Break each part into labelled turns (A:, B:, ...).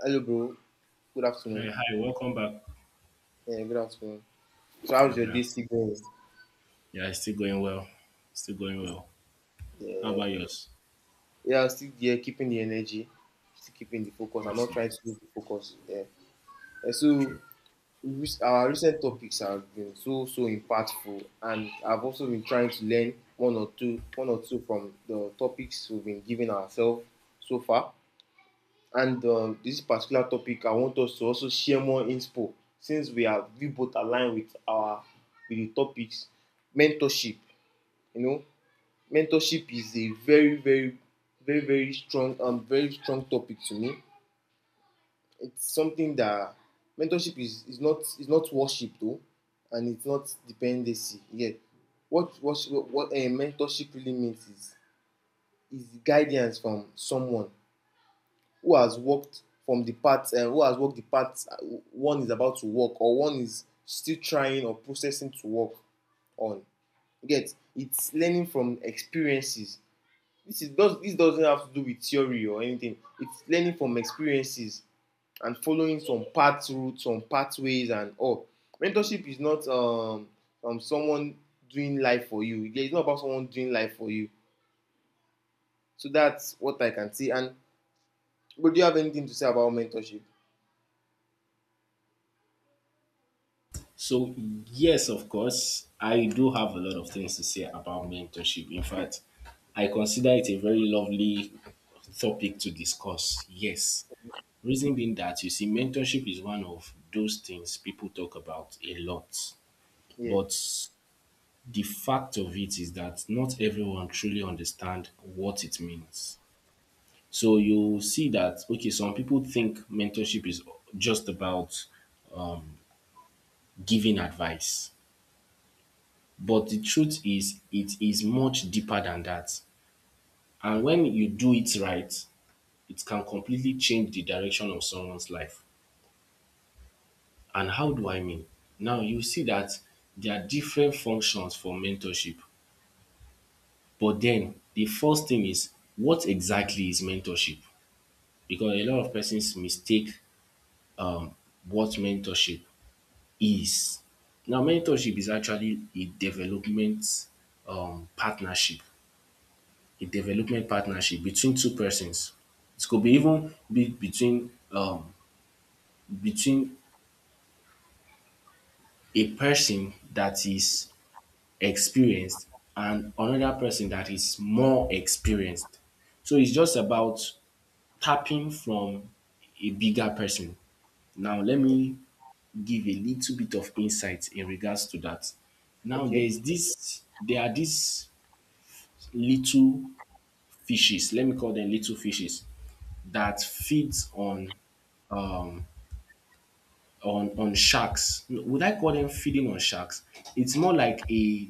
A: Hello, bro. Good
B: Hi,
A: afternoon.
B: hi, welcome back.
A: Yeah, good afternoon. So,
B: Yeah,
A: how's your
B: good
A: day
B: afternoon.
A: still going?
B: Yeah, it's still going well. Still going well. How about yours?
A: Yeah, I'm still there, keeping the energy, still keeping the focus. I'm not
B: Awesome.
A: trying to lose the focus. Yeah. So,
B: True.
A: our recent topics have been so impactful, and I've also been trying to learn one or two from the topics we've been giving ourselves so far. And this particular topic, I want us to also share more info since we both aligned with our with the topics, mentorship. You know, mentorship is a very, very, very, very strong, very strong topic to me. It's something that mentorship is not worship though, and it's not dependency yet. what what what a mentorship really means is guidance from someone who has walked the path, one is about to walk or one is still trying or processing to walk on. You get, it's learning from experiences. This doesn't have to do with theory or anything, it's learning from experiences and following some path routes, some pathways and all. Mentorship is not, someone doing life for you. It's not about someone doing life for you. So that's what I can say, and but do you have anything to say about mentorship?
B: So, yes, of course, I do have a lot of things to say about mentorship. In fact, I consider it a very lovely topic to discuss. Yes. Reason being that, you see, mentorship is one of those things people talk about a lot.
A: Yeah,
B: But the fact of it is that not everyone truly understands what it means. So you see that, okay, some people think mentorship is just about giving advice. But the truth is, it is much deeper than that. And when you do it right, it can completely change the direction of someone's life. And how do I mean? Now you see that there are different functions for mentorship. But then the first thing is, what exactly is mentorship? Because a lot of persons mistake um, what mentorship is now mentorship is actually a development partnership, a development partnership between two persons. It could be even be between between a person that is experienced and another person that is more experienced. So it's just about tapping from a bigger person. Now let
A: yeah,
B: me give a little bit of insight in regards to that. Now
A: okay.
B: there are these little fishes, let me call them little fishes that feeds on on sharks. Would I call them feeding on sharks? It's more like a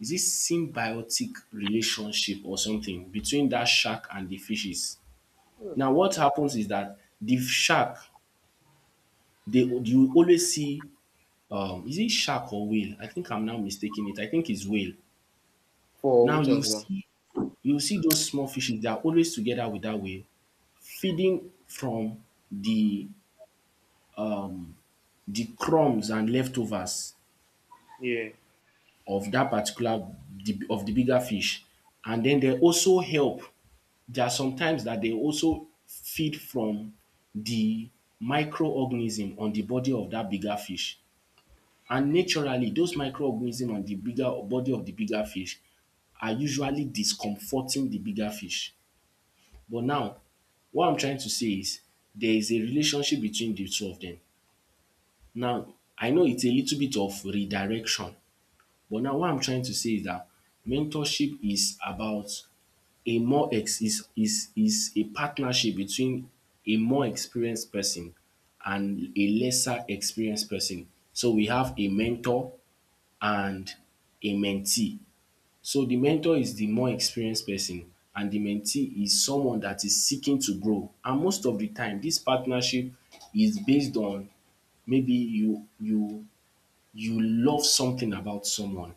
B: is it symbiotic relationship or something between that shark and the fishes.
A: Yeah.
B: Now what happens is that the shark they you always see is it shark or whale? I think I'm now mistaking it. I think it's whale.
A: For
B: Now
A: which one you.
B: you see those small fishes, they are always together with that whale feeding from the the crumbs and leftovers
A: Yeah.
B: of that particular the of the bigger fish and then they also help. There are sometimes that they also feed from the microorganism on the body of that bigger fish and naturally those microorganism on the bigger body of the bigger fish are usually discomforting the bigger fish. But now what I'm trying to say is there is a relationship between the two of them. Now I know it's a little bit of redirection. But now what I'm trying to say is that mentorship is about a more ex is a partnership between a more experienced person and a lesser experienced person. So we have a mentor and a mentee. So the mentor is the more experienced person and the mentee is someone that is seeking to grow. And most of the time this partnership is based on maybe you love something about someone.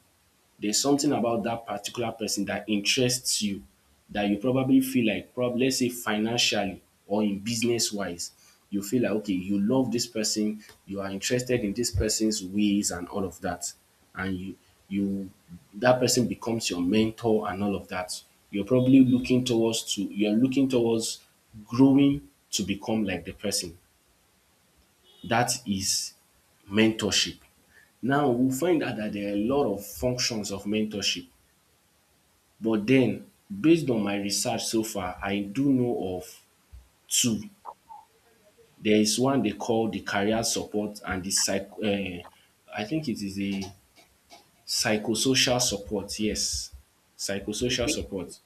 B: There's something about that particular person that interests you that you probably feel like, probably let's say financially or in business wise, you feel like, okay, you love this person, you are interested in this person's ways and all of that. And you, that person becomes your mentor and all of that. You're probably looking towards to, you're looking towards growing to become like the person that is mentorship. Now we find out that there are a lot of functions of mentorship but then, based on my research so far I do know of two. There is one they call the career support and the psych. I think it is a psychosocial support, yes, psychosocial
A: Okay.
B: support.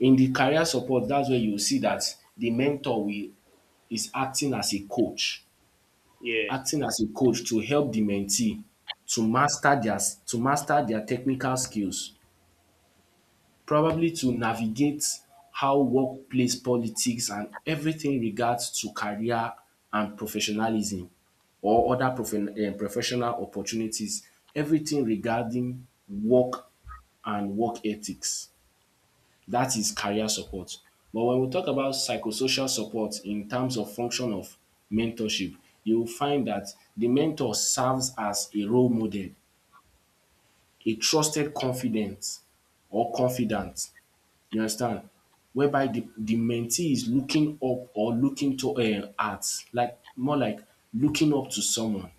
B: In the career support that's where you see that the mentor will is acting as a coach,
A: Yeah.
B: acting as a coach to help the mentee to master their to master their technical skills, probably to navigate how workplace politics and everything regards to career and professionalism or other professional opportunities, everything regarding work and work ethics, that is career support. But when we talk about psychosocial support in terms of function of mentorship, you will find that the mentor serves as a role model, a trusted confidant, or confidant, you understand, whereby the mentee is looking up or looking to at, like more like looking up to someone.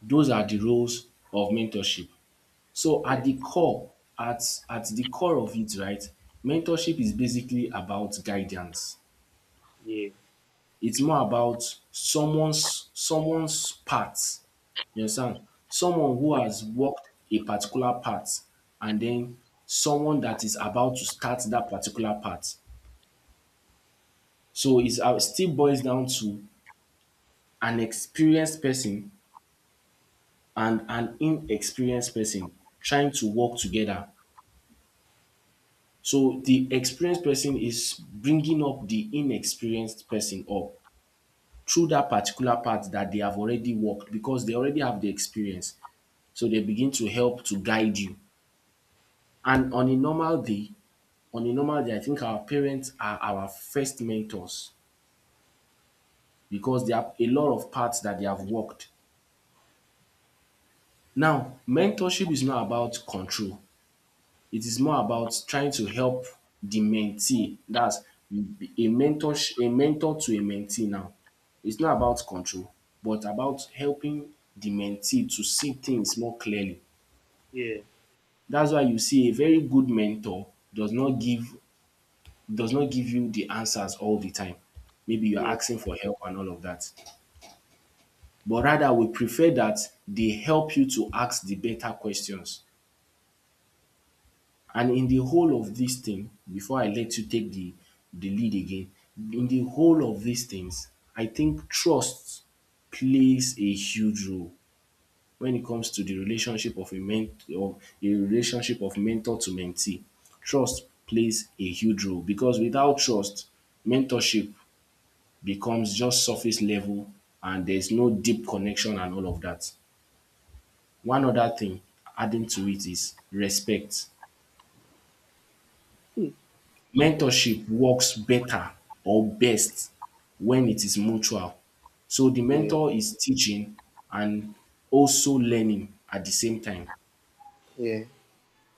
B: Those are the roles of mentorship. So
A: Yeah.
B: at the core, at at the core of it, right, mentorship is basically about guidance.
A: Yeah.
B: It's more about someone's path. You understand? Someone who has walked a particular path and then someone that is about to start that particular path. So it's still boils down to an experienced person and an inexperienced person trying to work together. So the experienced person is bringing up the inexperienced person up through that particular part that they have already worked because they already have the experience. So they begin to help to guide you. And on a normal day, on a normal day, I think our parents are our first mentors because they have a lot of parts that they have worked. Now, mentorship is not about control. It is more about trying to help the mentee. That's a mentor to a mentee now. It's not about control but about helping the mentee to see things more clearly.
A: Yeah.
B: That's why you see a very good mentor does not give does not give you the answers all the time. Maybe you're
A: Yeah.
B: asking for help and all of that. But rather, we prefer that they help you to ask the better questions. And in the whole of dis thing before I let you take the lead again, in the whole of these things I think trust plays a huge role when it comes to the relationship of a men of a relationship of mentor to mentee. Trust plays a huge role because without trust mentorship becomes just surface level and there's no deep connection and all of that. One other thing adding to it is respect.
A: Respect.
B: Mentorship works better or best when it is mutual. So the
A: Yeah,
B: mentor is teaching and also learning at the same time.
A: yeah,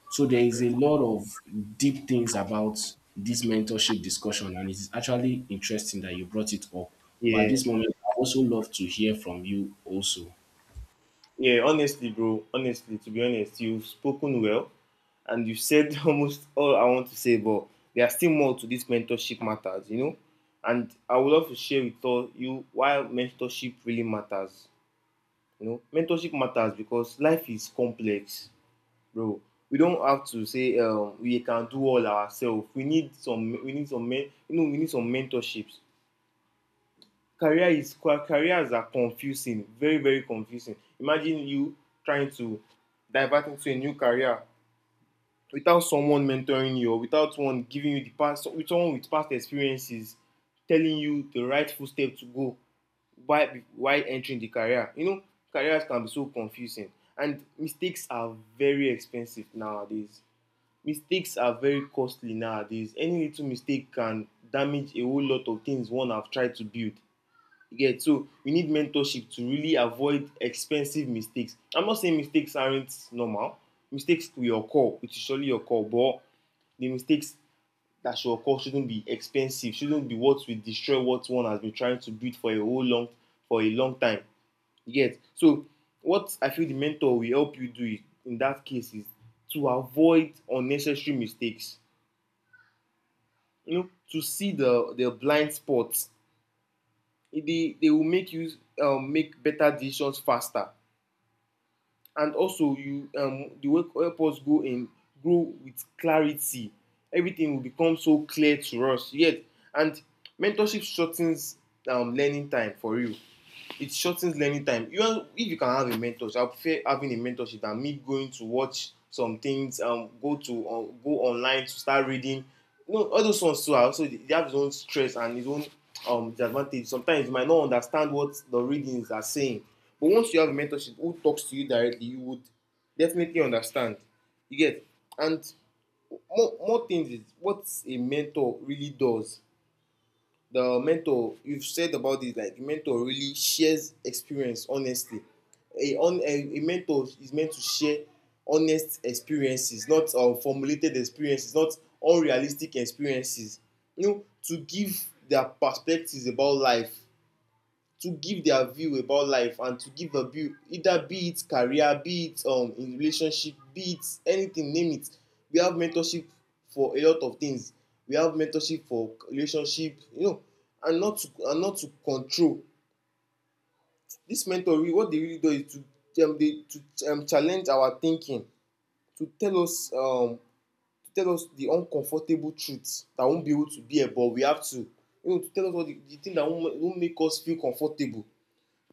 B: So there is a lot of deep things about this mentorship discussion, and it is actually interesting that you brought it up. But at
A: yeah.
B: this moment, I also love to hear from you also.
A: Yeah, honestly, bro. Honestly, to be honest, you've spoken well and you said almost all I want to say, but there are still more to this mentorship matters, you know? And I would love to share with all you why mentorship really matters. You know, mentorship matters because life is complex, bro. We don't have to say, we can do all ourselves. We need some, men, we need some mentorships. Careers are confusing, very very confusing. Imagine you trying to divert into a new career without someone mentoring you, or without one giving you the past with someone with past experiences telling you the right footstep to go while entering the career, you know. Careers can be so confusing, and mistakes are very expensive nowadays. Mistakes are very costly nowadays. Any little mistake can damage a whole lot of things one have tried to build. You get. So we need mentorship to really avoid expensive mistakes. I'm not saying mistakes aren't normal. Mistakes will occur. It will surely occur, but the mistakes that should occur shouldn't be expensive. Shouldn't be what will destroy what one has been trying to build for a whole long for a long time. You get. So what I feel the mentor will help you do in that case is to avoid unnecessary mistakes. You know, to see the blind spots. They will make you, make better decisions faster. And also you, the way, help us go in grow with clarity. Everything will become so clear to us yet. And mentorship shortens, learning time for real. It shortens learning time. You want, if you can have a mentor, I prefer having a mentorship than me going to watch some things, go online to start reading. You know, all those ones too are also, they have its own stress and its own, disadvantage. Sometimes you might not understand what the readings are saying, but once you have a mentorship who talks to you directly, you would definitely understand. You get. And more things is what a mentor really does. The mentor, you've said about this, like mentor really shares experience honestly. A mentor is meant to share honest experiences, not, formulated experiences, not unrealistic experiences. You know, to give their perspectives about life, to give their view about life, and to give a view, either be it career, be it, in relationship, be it anything, name it. We have mentorship for a lot of things. We have mentorship for relationship, you know, and not to control. This mentoring, what they really do is to challenge our thinking, to tell us um, to tell us the uncomfortable truths that won't be able to bear, but we have to, to tell us all the thing that won't make us feel comfortable.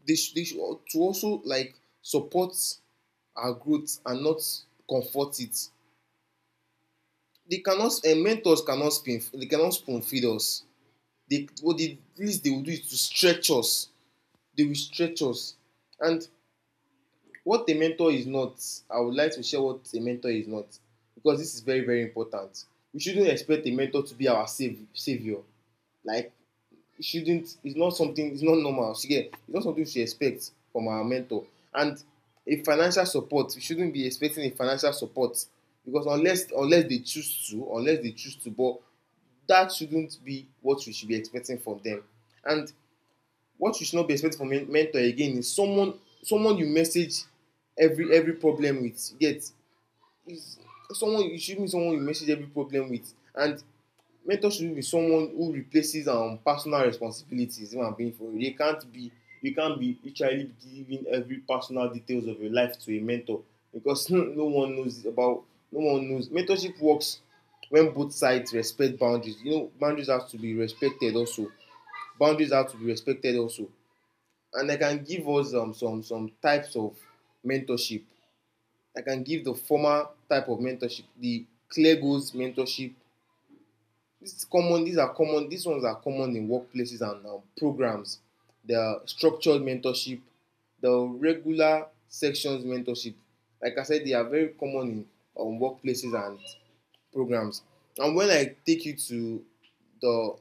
A: They, they should, to also, like, support our growth and not comfort it. They cannot Mentors cannot spoon, they cannot spoon feed us. They What the least they will do is to stretch us. They will stretch us. And what a mentor is not, I would like to share what a mentor is not, because this is very very important. We shouldn't expect a mentor to be our savior. Like, it's not something, it's not normal. She get, it's not something we should expect from our mentor. And a financial support, we shouldn't be expecting a financial support, because unless they choose to, unless they choose to, but that shouldn't be what we should be expecting from them. And what you should not be expecting from a mentor again is someone, someone you message every problem with. You get. Is someone you should be, someone you message every problem with, and mentorship be someone who replaces, personal responsibilities. If being for real, they can't be. You can't be literally giving every personal details of your life to a mentor, because no one knows about, no one knows. Mentorship works when both sides respect boundaries. You know, boundaries have to be respected also. Boundaries have to be respected also. And I can give us, some types of mentorship. I can give the formal type of mentorship, the clear goals mentorship. This is common. These are common. These ones are common in workplaces and, programs. The structured mentorship, the regular sections mentorship. Like I said, they are very common in, workplaces and programs. And when I take you to the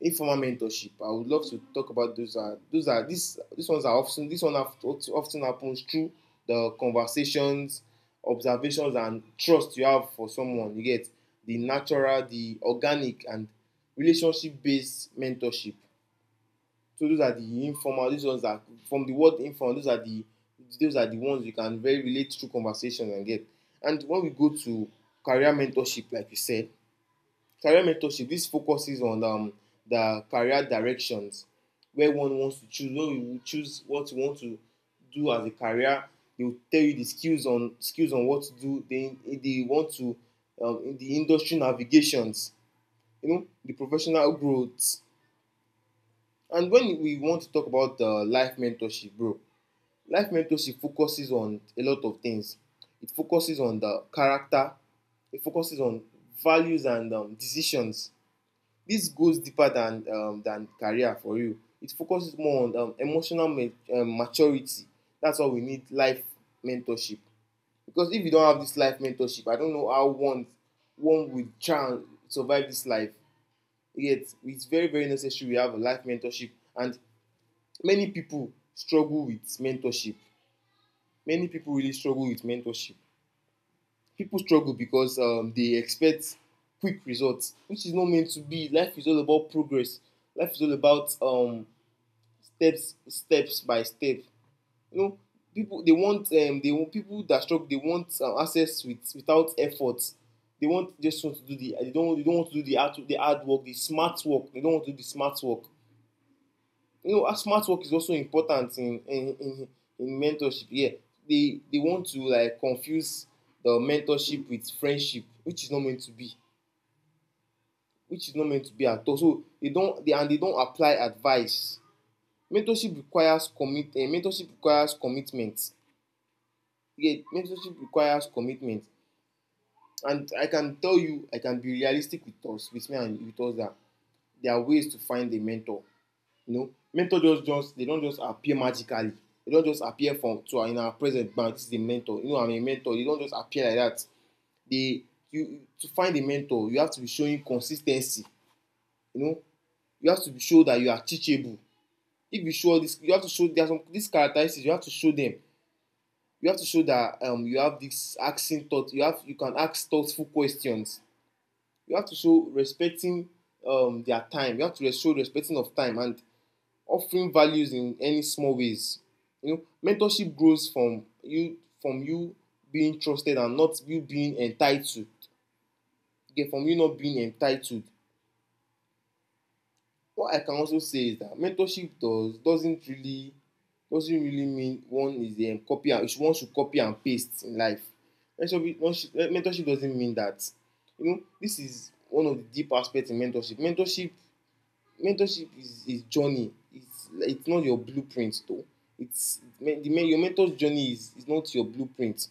A: informal mentorship, I would love to talk about those. Are those are these ones are often, this one often happens through the conversations, observations, and trust you have for someone. You get. The natural, the organic, and relationship based mentorship. So those are the informal. These ones are from the word informal. Those are the ones you can very relate through conversations and get. And when we go to career mentorship, like you said, career mentorship, this focuses on, the career directions where one wants to choose, when you choose what you want to do as a career. They will tell you the skills on, what to do, they want to, in the industry navigations, you know, the professional growth. And when we want to talk about, life mentorship, bro, life mentorship focuses on a lot of things. It focuses on the character, it focuses on values and, decisions. This goes deeper than, than career for you. It focuses more on, emotional maturity. That's why we need life mentorship. Because if you don't have this life mentorship, I don't know how one would try and survive this life. Yet it's very very necessary we have a life mentorship, and many people struggle with mentorship. Many people really struggle with mentorship. People struggle because, they expect quick results, which is not meant to be. Life is all about progress. Life is all about, steps, steps by step. You know, people they want, they want people that struggle. They want, access with without effort. They want just want to do they don't, they don't want to do the hard work, the smart work. They don't want to do the smart work. You know, smart work is also important in, in mentorship. Yeah. They want to, like, confuse the mentorship with friendship, which is not meant to be, which is not meant to be at all. So they don't, they don't apply advice. Mentorship requires commitment. Yeah, mentorship requires commitment. And I can tell you, I can be realistic with us, with me and with us, that there are ways to find a mentor. You know, mentor, just they don't just appear magically. They don't just appear from to in our present bank. This is the mentor. You know, I'm a mentor. They don't just appear like that. They, you, to find a mentor, you have to be showing consistency. You know, you have to be show that you are teachable. If you show this, you have to show there are some these characteristics. You have to show them. You have to show that, you have this asking thought. You have you can ask thoughtful questions. You have to show respecting their time. You have to show respecting of time and offering values in any small ways. You know, mentorship grows from you being trusted and not you being entitled. Okay, from you not being entitled. What I can also say is that mentorship doesn't really mean one is a copy and one should copy and paste in life. Mentorship doesn't mean that. You know, this is one of the deep aspects in mentorship. Mentorship mentorship is journey. It's not your blueprint though. It's the your mentor's journey is not your blueprint.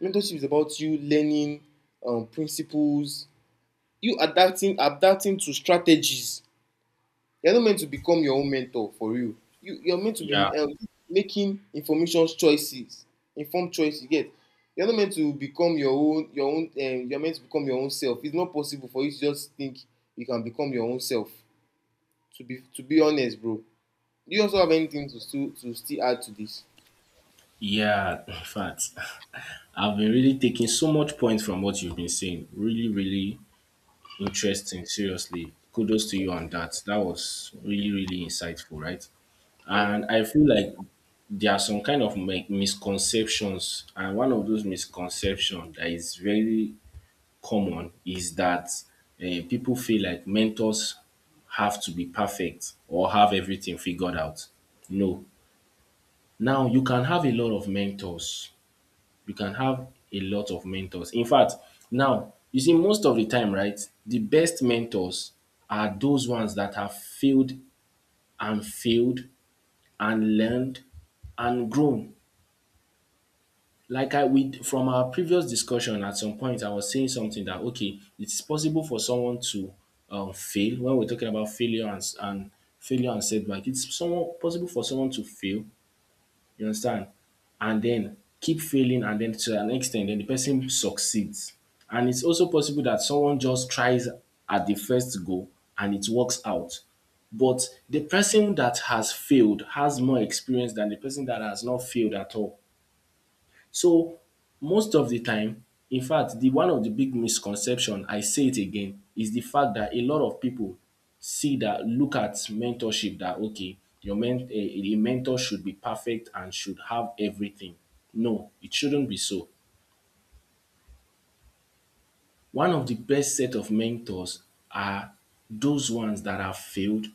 A: Mentorship is about you learning principles, you adapting to strategies. You're not meant to become your own mentor for you. You're meant to
B: Yeah,
A: be making information choices, informed choices. You get. You're not meant to become your own your own. You're meant to become your own self. It's not possible for you to just think you can become your own self. To be honest, bro. Do you also have anything to still add to this?
B: yeah, in fact, I've been really taking so much point from what you've been saying. Really, really interesting, seriously. Kudos to you on that. That was really, really insightful, right?
A: Yeah, bro.
B: And I feel like there are some kind of misconceptions, and one of those misconceptions that is very common is that people feel like mentors have to be perfect or have everything figured out. No. Now, you can have a lot of mentors, you can have a lot of mentors. In fact, now, you see, most of the time, right, the best mentors are those ones that have failed and failed and learned and grown. Like I with from our previous discussion, at some point, I was saying something that okay, it's possible for someone to fail when we're talking about failure and failure and setback. It's someone possible for someone to fail. You understand? And then keep failing and then to an extent then the person succeeds. And it's also possible that someone just tries at the first go and it works out. But the person that has failed has more experience than the person that has not failed at all. So most of the time, in fact the one of the big misconception, I say it again, is the fact that a lot of people see that look at mentorship that okay your men a mentor should be perfect and should have everything. No, it shouldn't be so. One of the best set of mentors are those ones that have failed,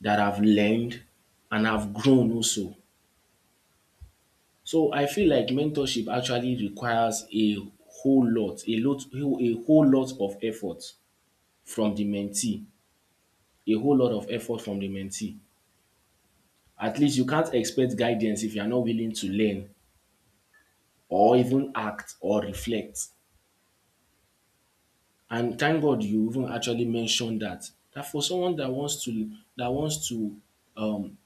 B: that have learned and have grown also. So I feel like mentorship actually requires a whole lot, a lot, a whole lot of effort from the mentee, a whole lot of effort from the mentee. At least you can't expect guidance if you are not willing to learn or even act or reflect. And thank God you even actually mentioned that. That for someone that wants to um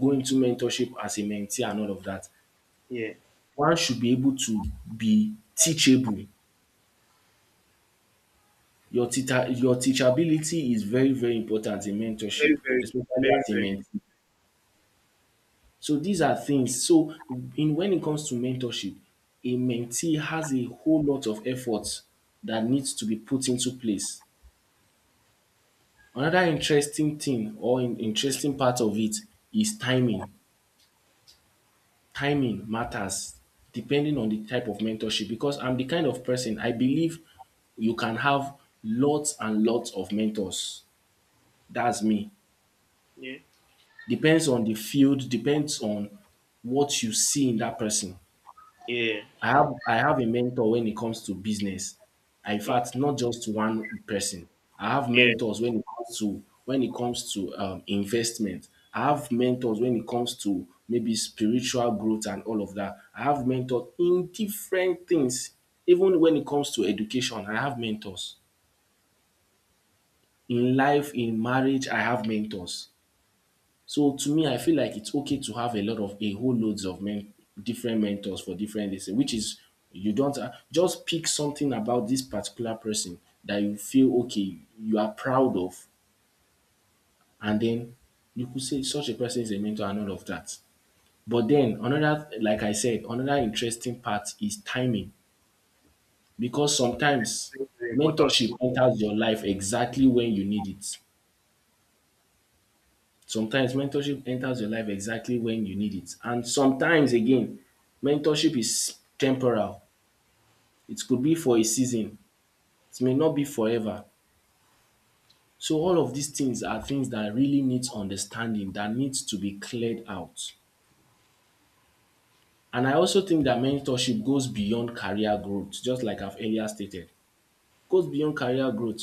B: go into mentorship as a mentee and all of that,
A: Yeah.
B: one should be able to be teachable. Your teacher your teachability is very, very important in
A: Very,
B: mentorship,
A: very,
B: especially
A: very,
B: as a
A: very.
B: mentee. So these are things so in when it comes to mentorship, a mentee has a whole lot of efforts that needs to be put into place. Another interesting thing or in interesting part of it is timing. Timing matters depending on the type of mentorship because I'm the kind of person I believe you can have lots and lots of mentors. That's me.
A: Yeah.
B: Depends on the field, depends on what you see in that person.
A: Yeah.
B: I have a mentor when it comes to business. I, in fact, not just one person. I have
A: Yeah.
B: mentors when it comes to when it comes to investment. I have mentors when it comes to maybe spiritual growth and all of that. I have mentors in different things. Even when it comes to education, I have mentors. In life, in marriage, I have mentors. So to me, I feel like it's okay to have a lot of a whole loads of men, different mentors for different things, which is you don't just pick something about this particular person that you feel okay, you are proud of, and then you could say such a person is a mentor and all of that. But then another, like I said, another interesting part is timing because sometimes
A: Very, very important.
B: mentorship enters your life exactly when you need it. Sometimes mentorship enters your life exactly when you need it, and sometimes again mentorship is temporal. It could be for a season, it may not be forever. So all of these things are things that really needs understanding, that needs to be cleared out. And I also think that mentorship goes beyond career growth, just like I've earlier stated. Goes beyond career growth.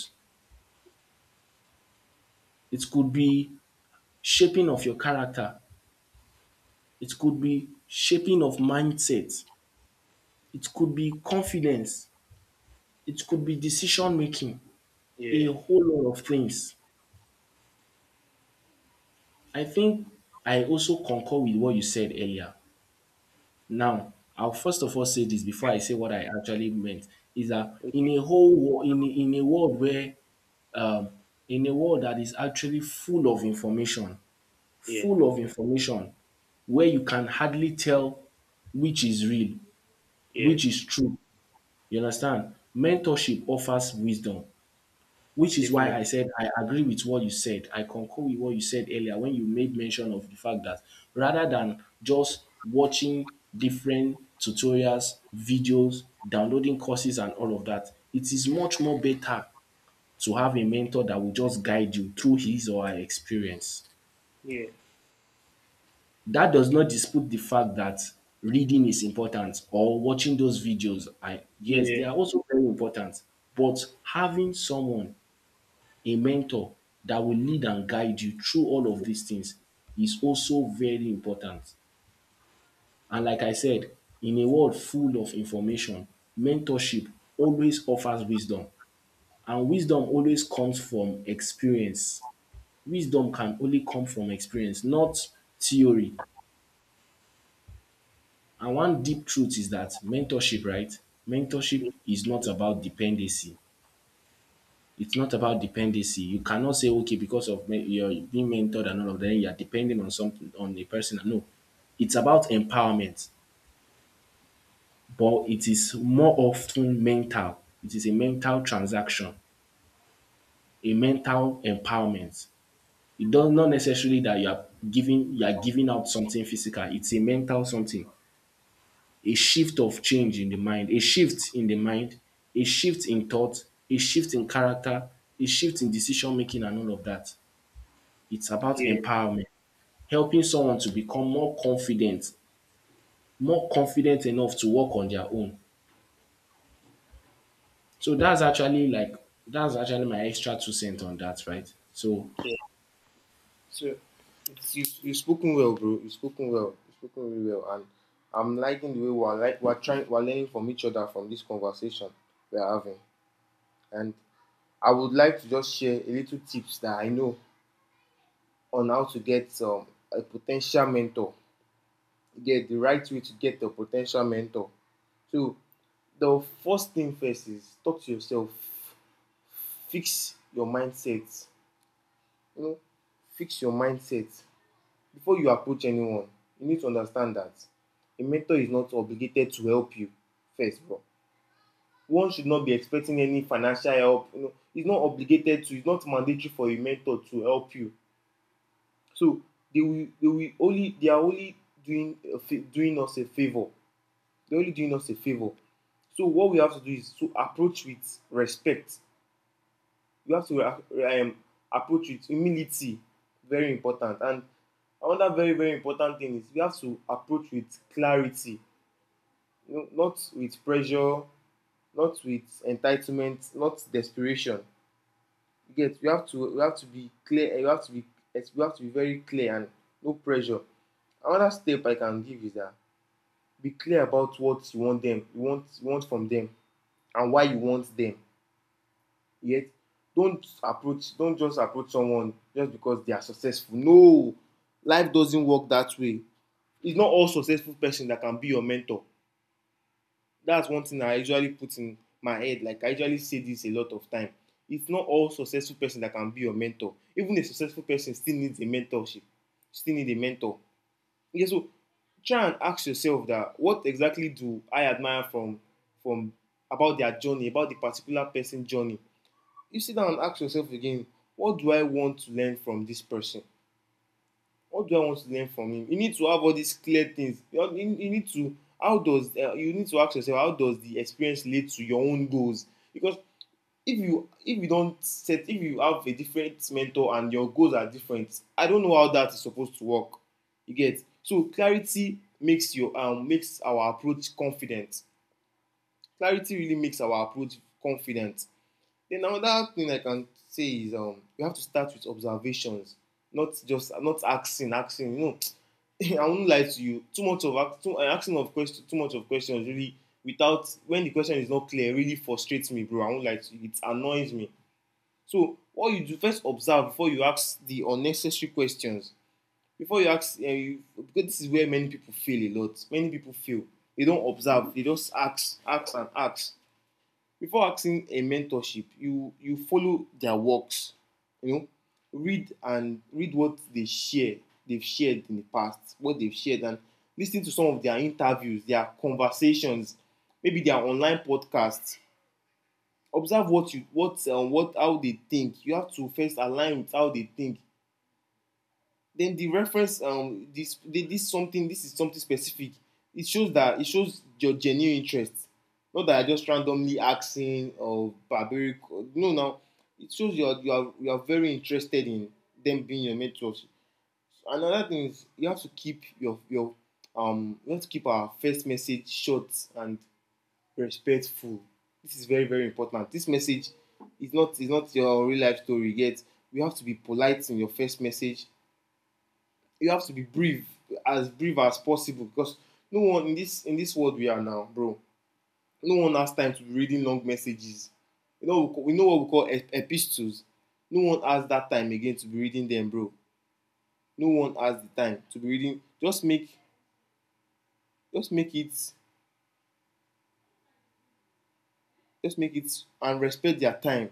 B: It could be shaping of your character, it could be shaping of mindset, it could be confidence, it could be decision making, a
A: Yeah.
B: whole lot of things. I think I also concur with what you said earlier. Now, I'll first of all say this before I say what I actually meant is that in a world where um, in a world that is actually
A: Yeah.
B: full of information, where you can hardly tell which is real,
A: Yes.
B: which is true. You understand? Mentorship offers wisdom. Which is
A: Definitely.
B: why I said I agree with what you said. I concur with what you said earlier when you made mention of the fact that rather than just watching different tutorials, videos, downloading courses, and all of that, it is much more better to have a mentor that will just guide you through his or her experience.
A: Yeah.
B: That does not dispute the fact that reading is important, or watching those videos. I, yes,
A: Yeah.
B: they are also very important. But having someone, a mentor that will lead and guide you through all of these things is also very important. And like I said, in a world full of information, mentorship always offers wisdom. And wisdom always comes from experience. Wisdom can only come from experience, not theory. And one deep truth is that mentorship, right? Mentorship is not about dependency, it's not about dependency. You cannot say, okay, because you're being mentored and all of that, you're depending on something, on a person. No, it's about empowerment, but it is more often mental. It is a mental transaction, a mental empowerment. It does not necessarily that you are giving out something physical. It's a mental something, a shift of change in the mind, a shift in the mind, a shift in thought, a shift in character, a shift in decision making, and all of that. It's about
A: Yeah.
B: empowerment. Helping someone to become more confident enough to work on their own. So that's actually my extra two cents on that, right? So
A: So you've spoken well, bro. You've spoken well. You've spoken really well, and I'm liking the way we're like we're trying we're learning from each other from this conversation we're having. And I would like to just share a little tips that I know on how to get a potential mentor, get the right way to get a potential mentor. So the first thing first is talk to yourself, fix your mindset. You know, fix your mindset. Before you approach anyone, you need to understand that a mentor is not obligated to help you first, bro. One should not be expecting any financial help. You know, it's not obligated to, it's not mandatory for a mentor to help you. So they are only doing a doing us a favor. They're only doing us a favor. So what we have to do is to approach with respect. You have to approach with humility. Very important. And another very, very important thing is we have to approach with clarity. You know, not with pressure, not with entitlement, not desperation. You get. You have to. We have to be clear. You have to be. Yes, we have to be very clear and no pressure. Another step I can give is that be clear about what you want them. You want. You want from them. And why you want them yet don't just approach someone just because they are successful. No, life doesn't work that way. It's not all successful person that can be your mentor. That's one thing I usually put in my head, like I usually say this a lot of time. It's not all successful person that can be your mentor. Even a successful person still needs a mentorship, still need a mentor. Yeah. So try and ask yourself that what exactly do I admire from about their journey, about the particular person journey. You sit down and ask yourself again, what do I want to learn from this person? What do I want to learn from him? You need to have all these clear things. You need to. How does you need to ask yourself, how does the experience lead to your own goals? Because if you don't set, if you have a different mentor and your goals are different, I don't know how that is supposed to work. You get. So clarity makes your makes our approach confident. Clarity really makes our approach confident. Then another thing I can say is you have to start with observations, not just not asking, asking. You know, I won't lie to you. Too much of asking of questions, too much of questions really, without, when the question is not clear, really frustrates me, bro. I won't lie to you. It annoys me. So what you do, first observe before you ask the unnecessary questions. Before you ask, because this is where many people fail a lot. Many people fail. They don't observe. They just ask, ask and ask. Before asking a mentorship, you follow their works, you know, read what they share, they've shared in the past, what they've shared, and listen to some of their interviews, their conversations, maybe their online podcasts. Observe what you what how they think. You have to first align with how they think. Then the reference, this, this something this is something specific. It shows that, it shows your genuine interest, not that you're just randomly asking or barbaric or, no now, it shows you are very interested in them being your mentors. Another thing is you have to keep you have to keep our first message short and respectful. This is very, very important. This message is not, is not your real life story yet. We have to be polite in your first message. You have to be brief as possible, because no one in this world we are now, bro. No one has time to be reading long messages. You know we know what we call epistles. No one has that time again to be reading them, bro. No one has the time to be reading. Just make, just make it, just make it, and respect their time.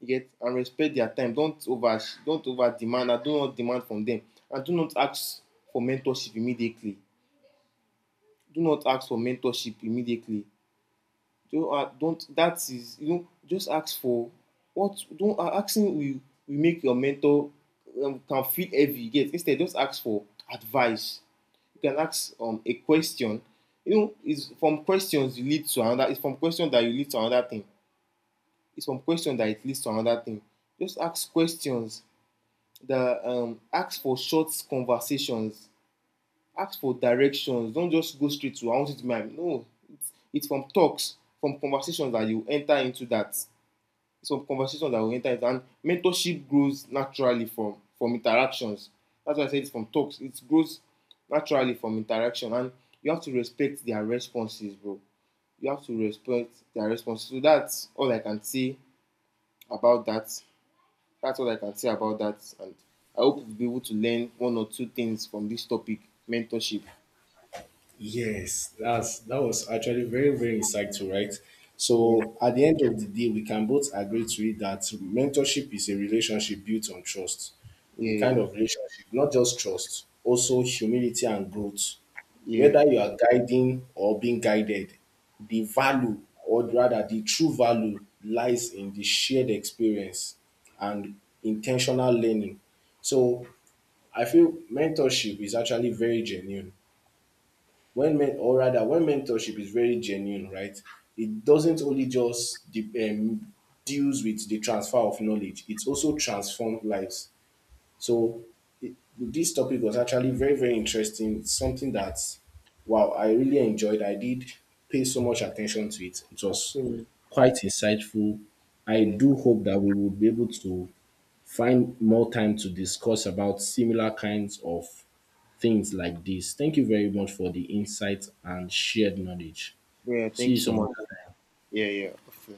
A: You get, and respect their time. Don't over demand and do not demand from them. And do not ask for mentorship immediately. Do not ask for mentorship immediately. Don't that is, you know, just ask for what. Don't Asking will make your mentor can feel heavy, you get, instead just ask for advice. You can ask a question. You know, it's from questions you lead to another, it's from question that you lead to another thing, it's from question that it leads to another thing. Just ask questions that ask for short conversations, ask for directions. Don't just go straight to I want it to be mine. No, it's from talks, from conversations that you enter into, that it's from conversations that you enter into, and mentorship grows naturally from interactions. That's why I said it's from talks, it grows naturally from interaction. And you have to respect their responses, bro. You have to respect their responses. So that's all I can say about that. That's all I can say about that. And I hope you'll be able to learn one or two things from this topic, mentorship.
B: yes, that's that was actually very, very insightful, right?
A: Yeah.
B: So at the end of the day, we can both agree to it that mentorship is a relationship built on trust. A kind
A: Yeah,
B: of relationship, not just trust, also humility and growth.
A: yeah.
B: Whether you are guiding or being guided, the value, or rather the true value, lies in the shared experience and intentional learning. So I feel mentorship is actually very genuine. When men or rather when mentorship is very genuine, right, it doesn't only just deals with the transfer of knowledge, it's also transformed lives. So it, this topic was actually very, very interesting. It's something that, wow, I really enjoyed. I did pay so much attention to it. It was
A: So,
B: quite insightful. I
A: yeah,
B: do hope that we would be able to find more time to discuss about similar kinds of things like this. Thank you very much for the insights and shared knowledge.
A: yeah.
B: See you
A: Thanks so
B: some other
A: much.
B: time.
A: Yeah, yeah.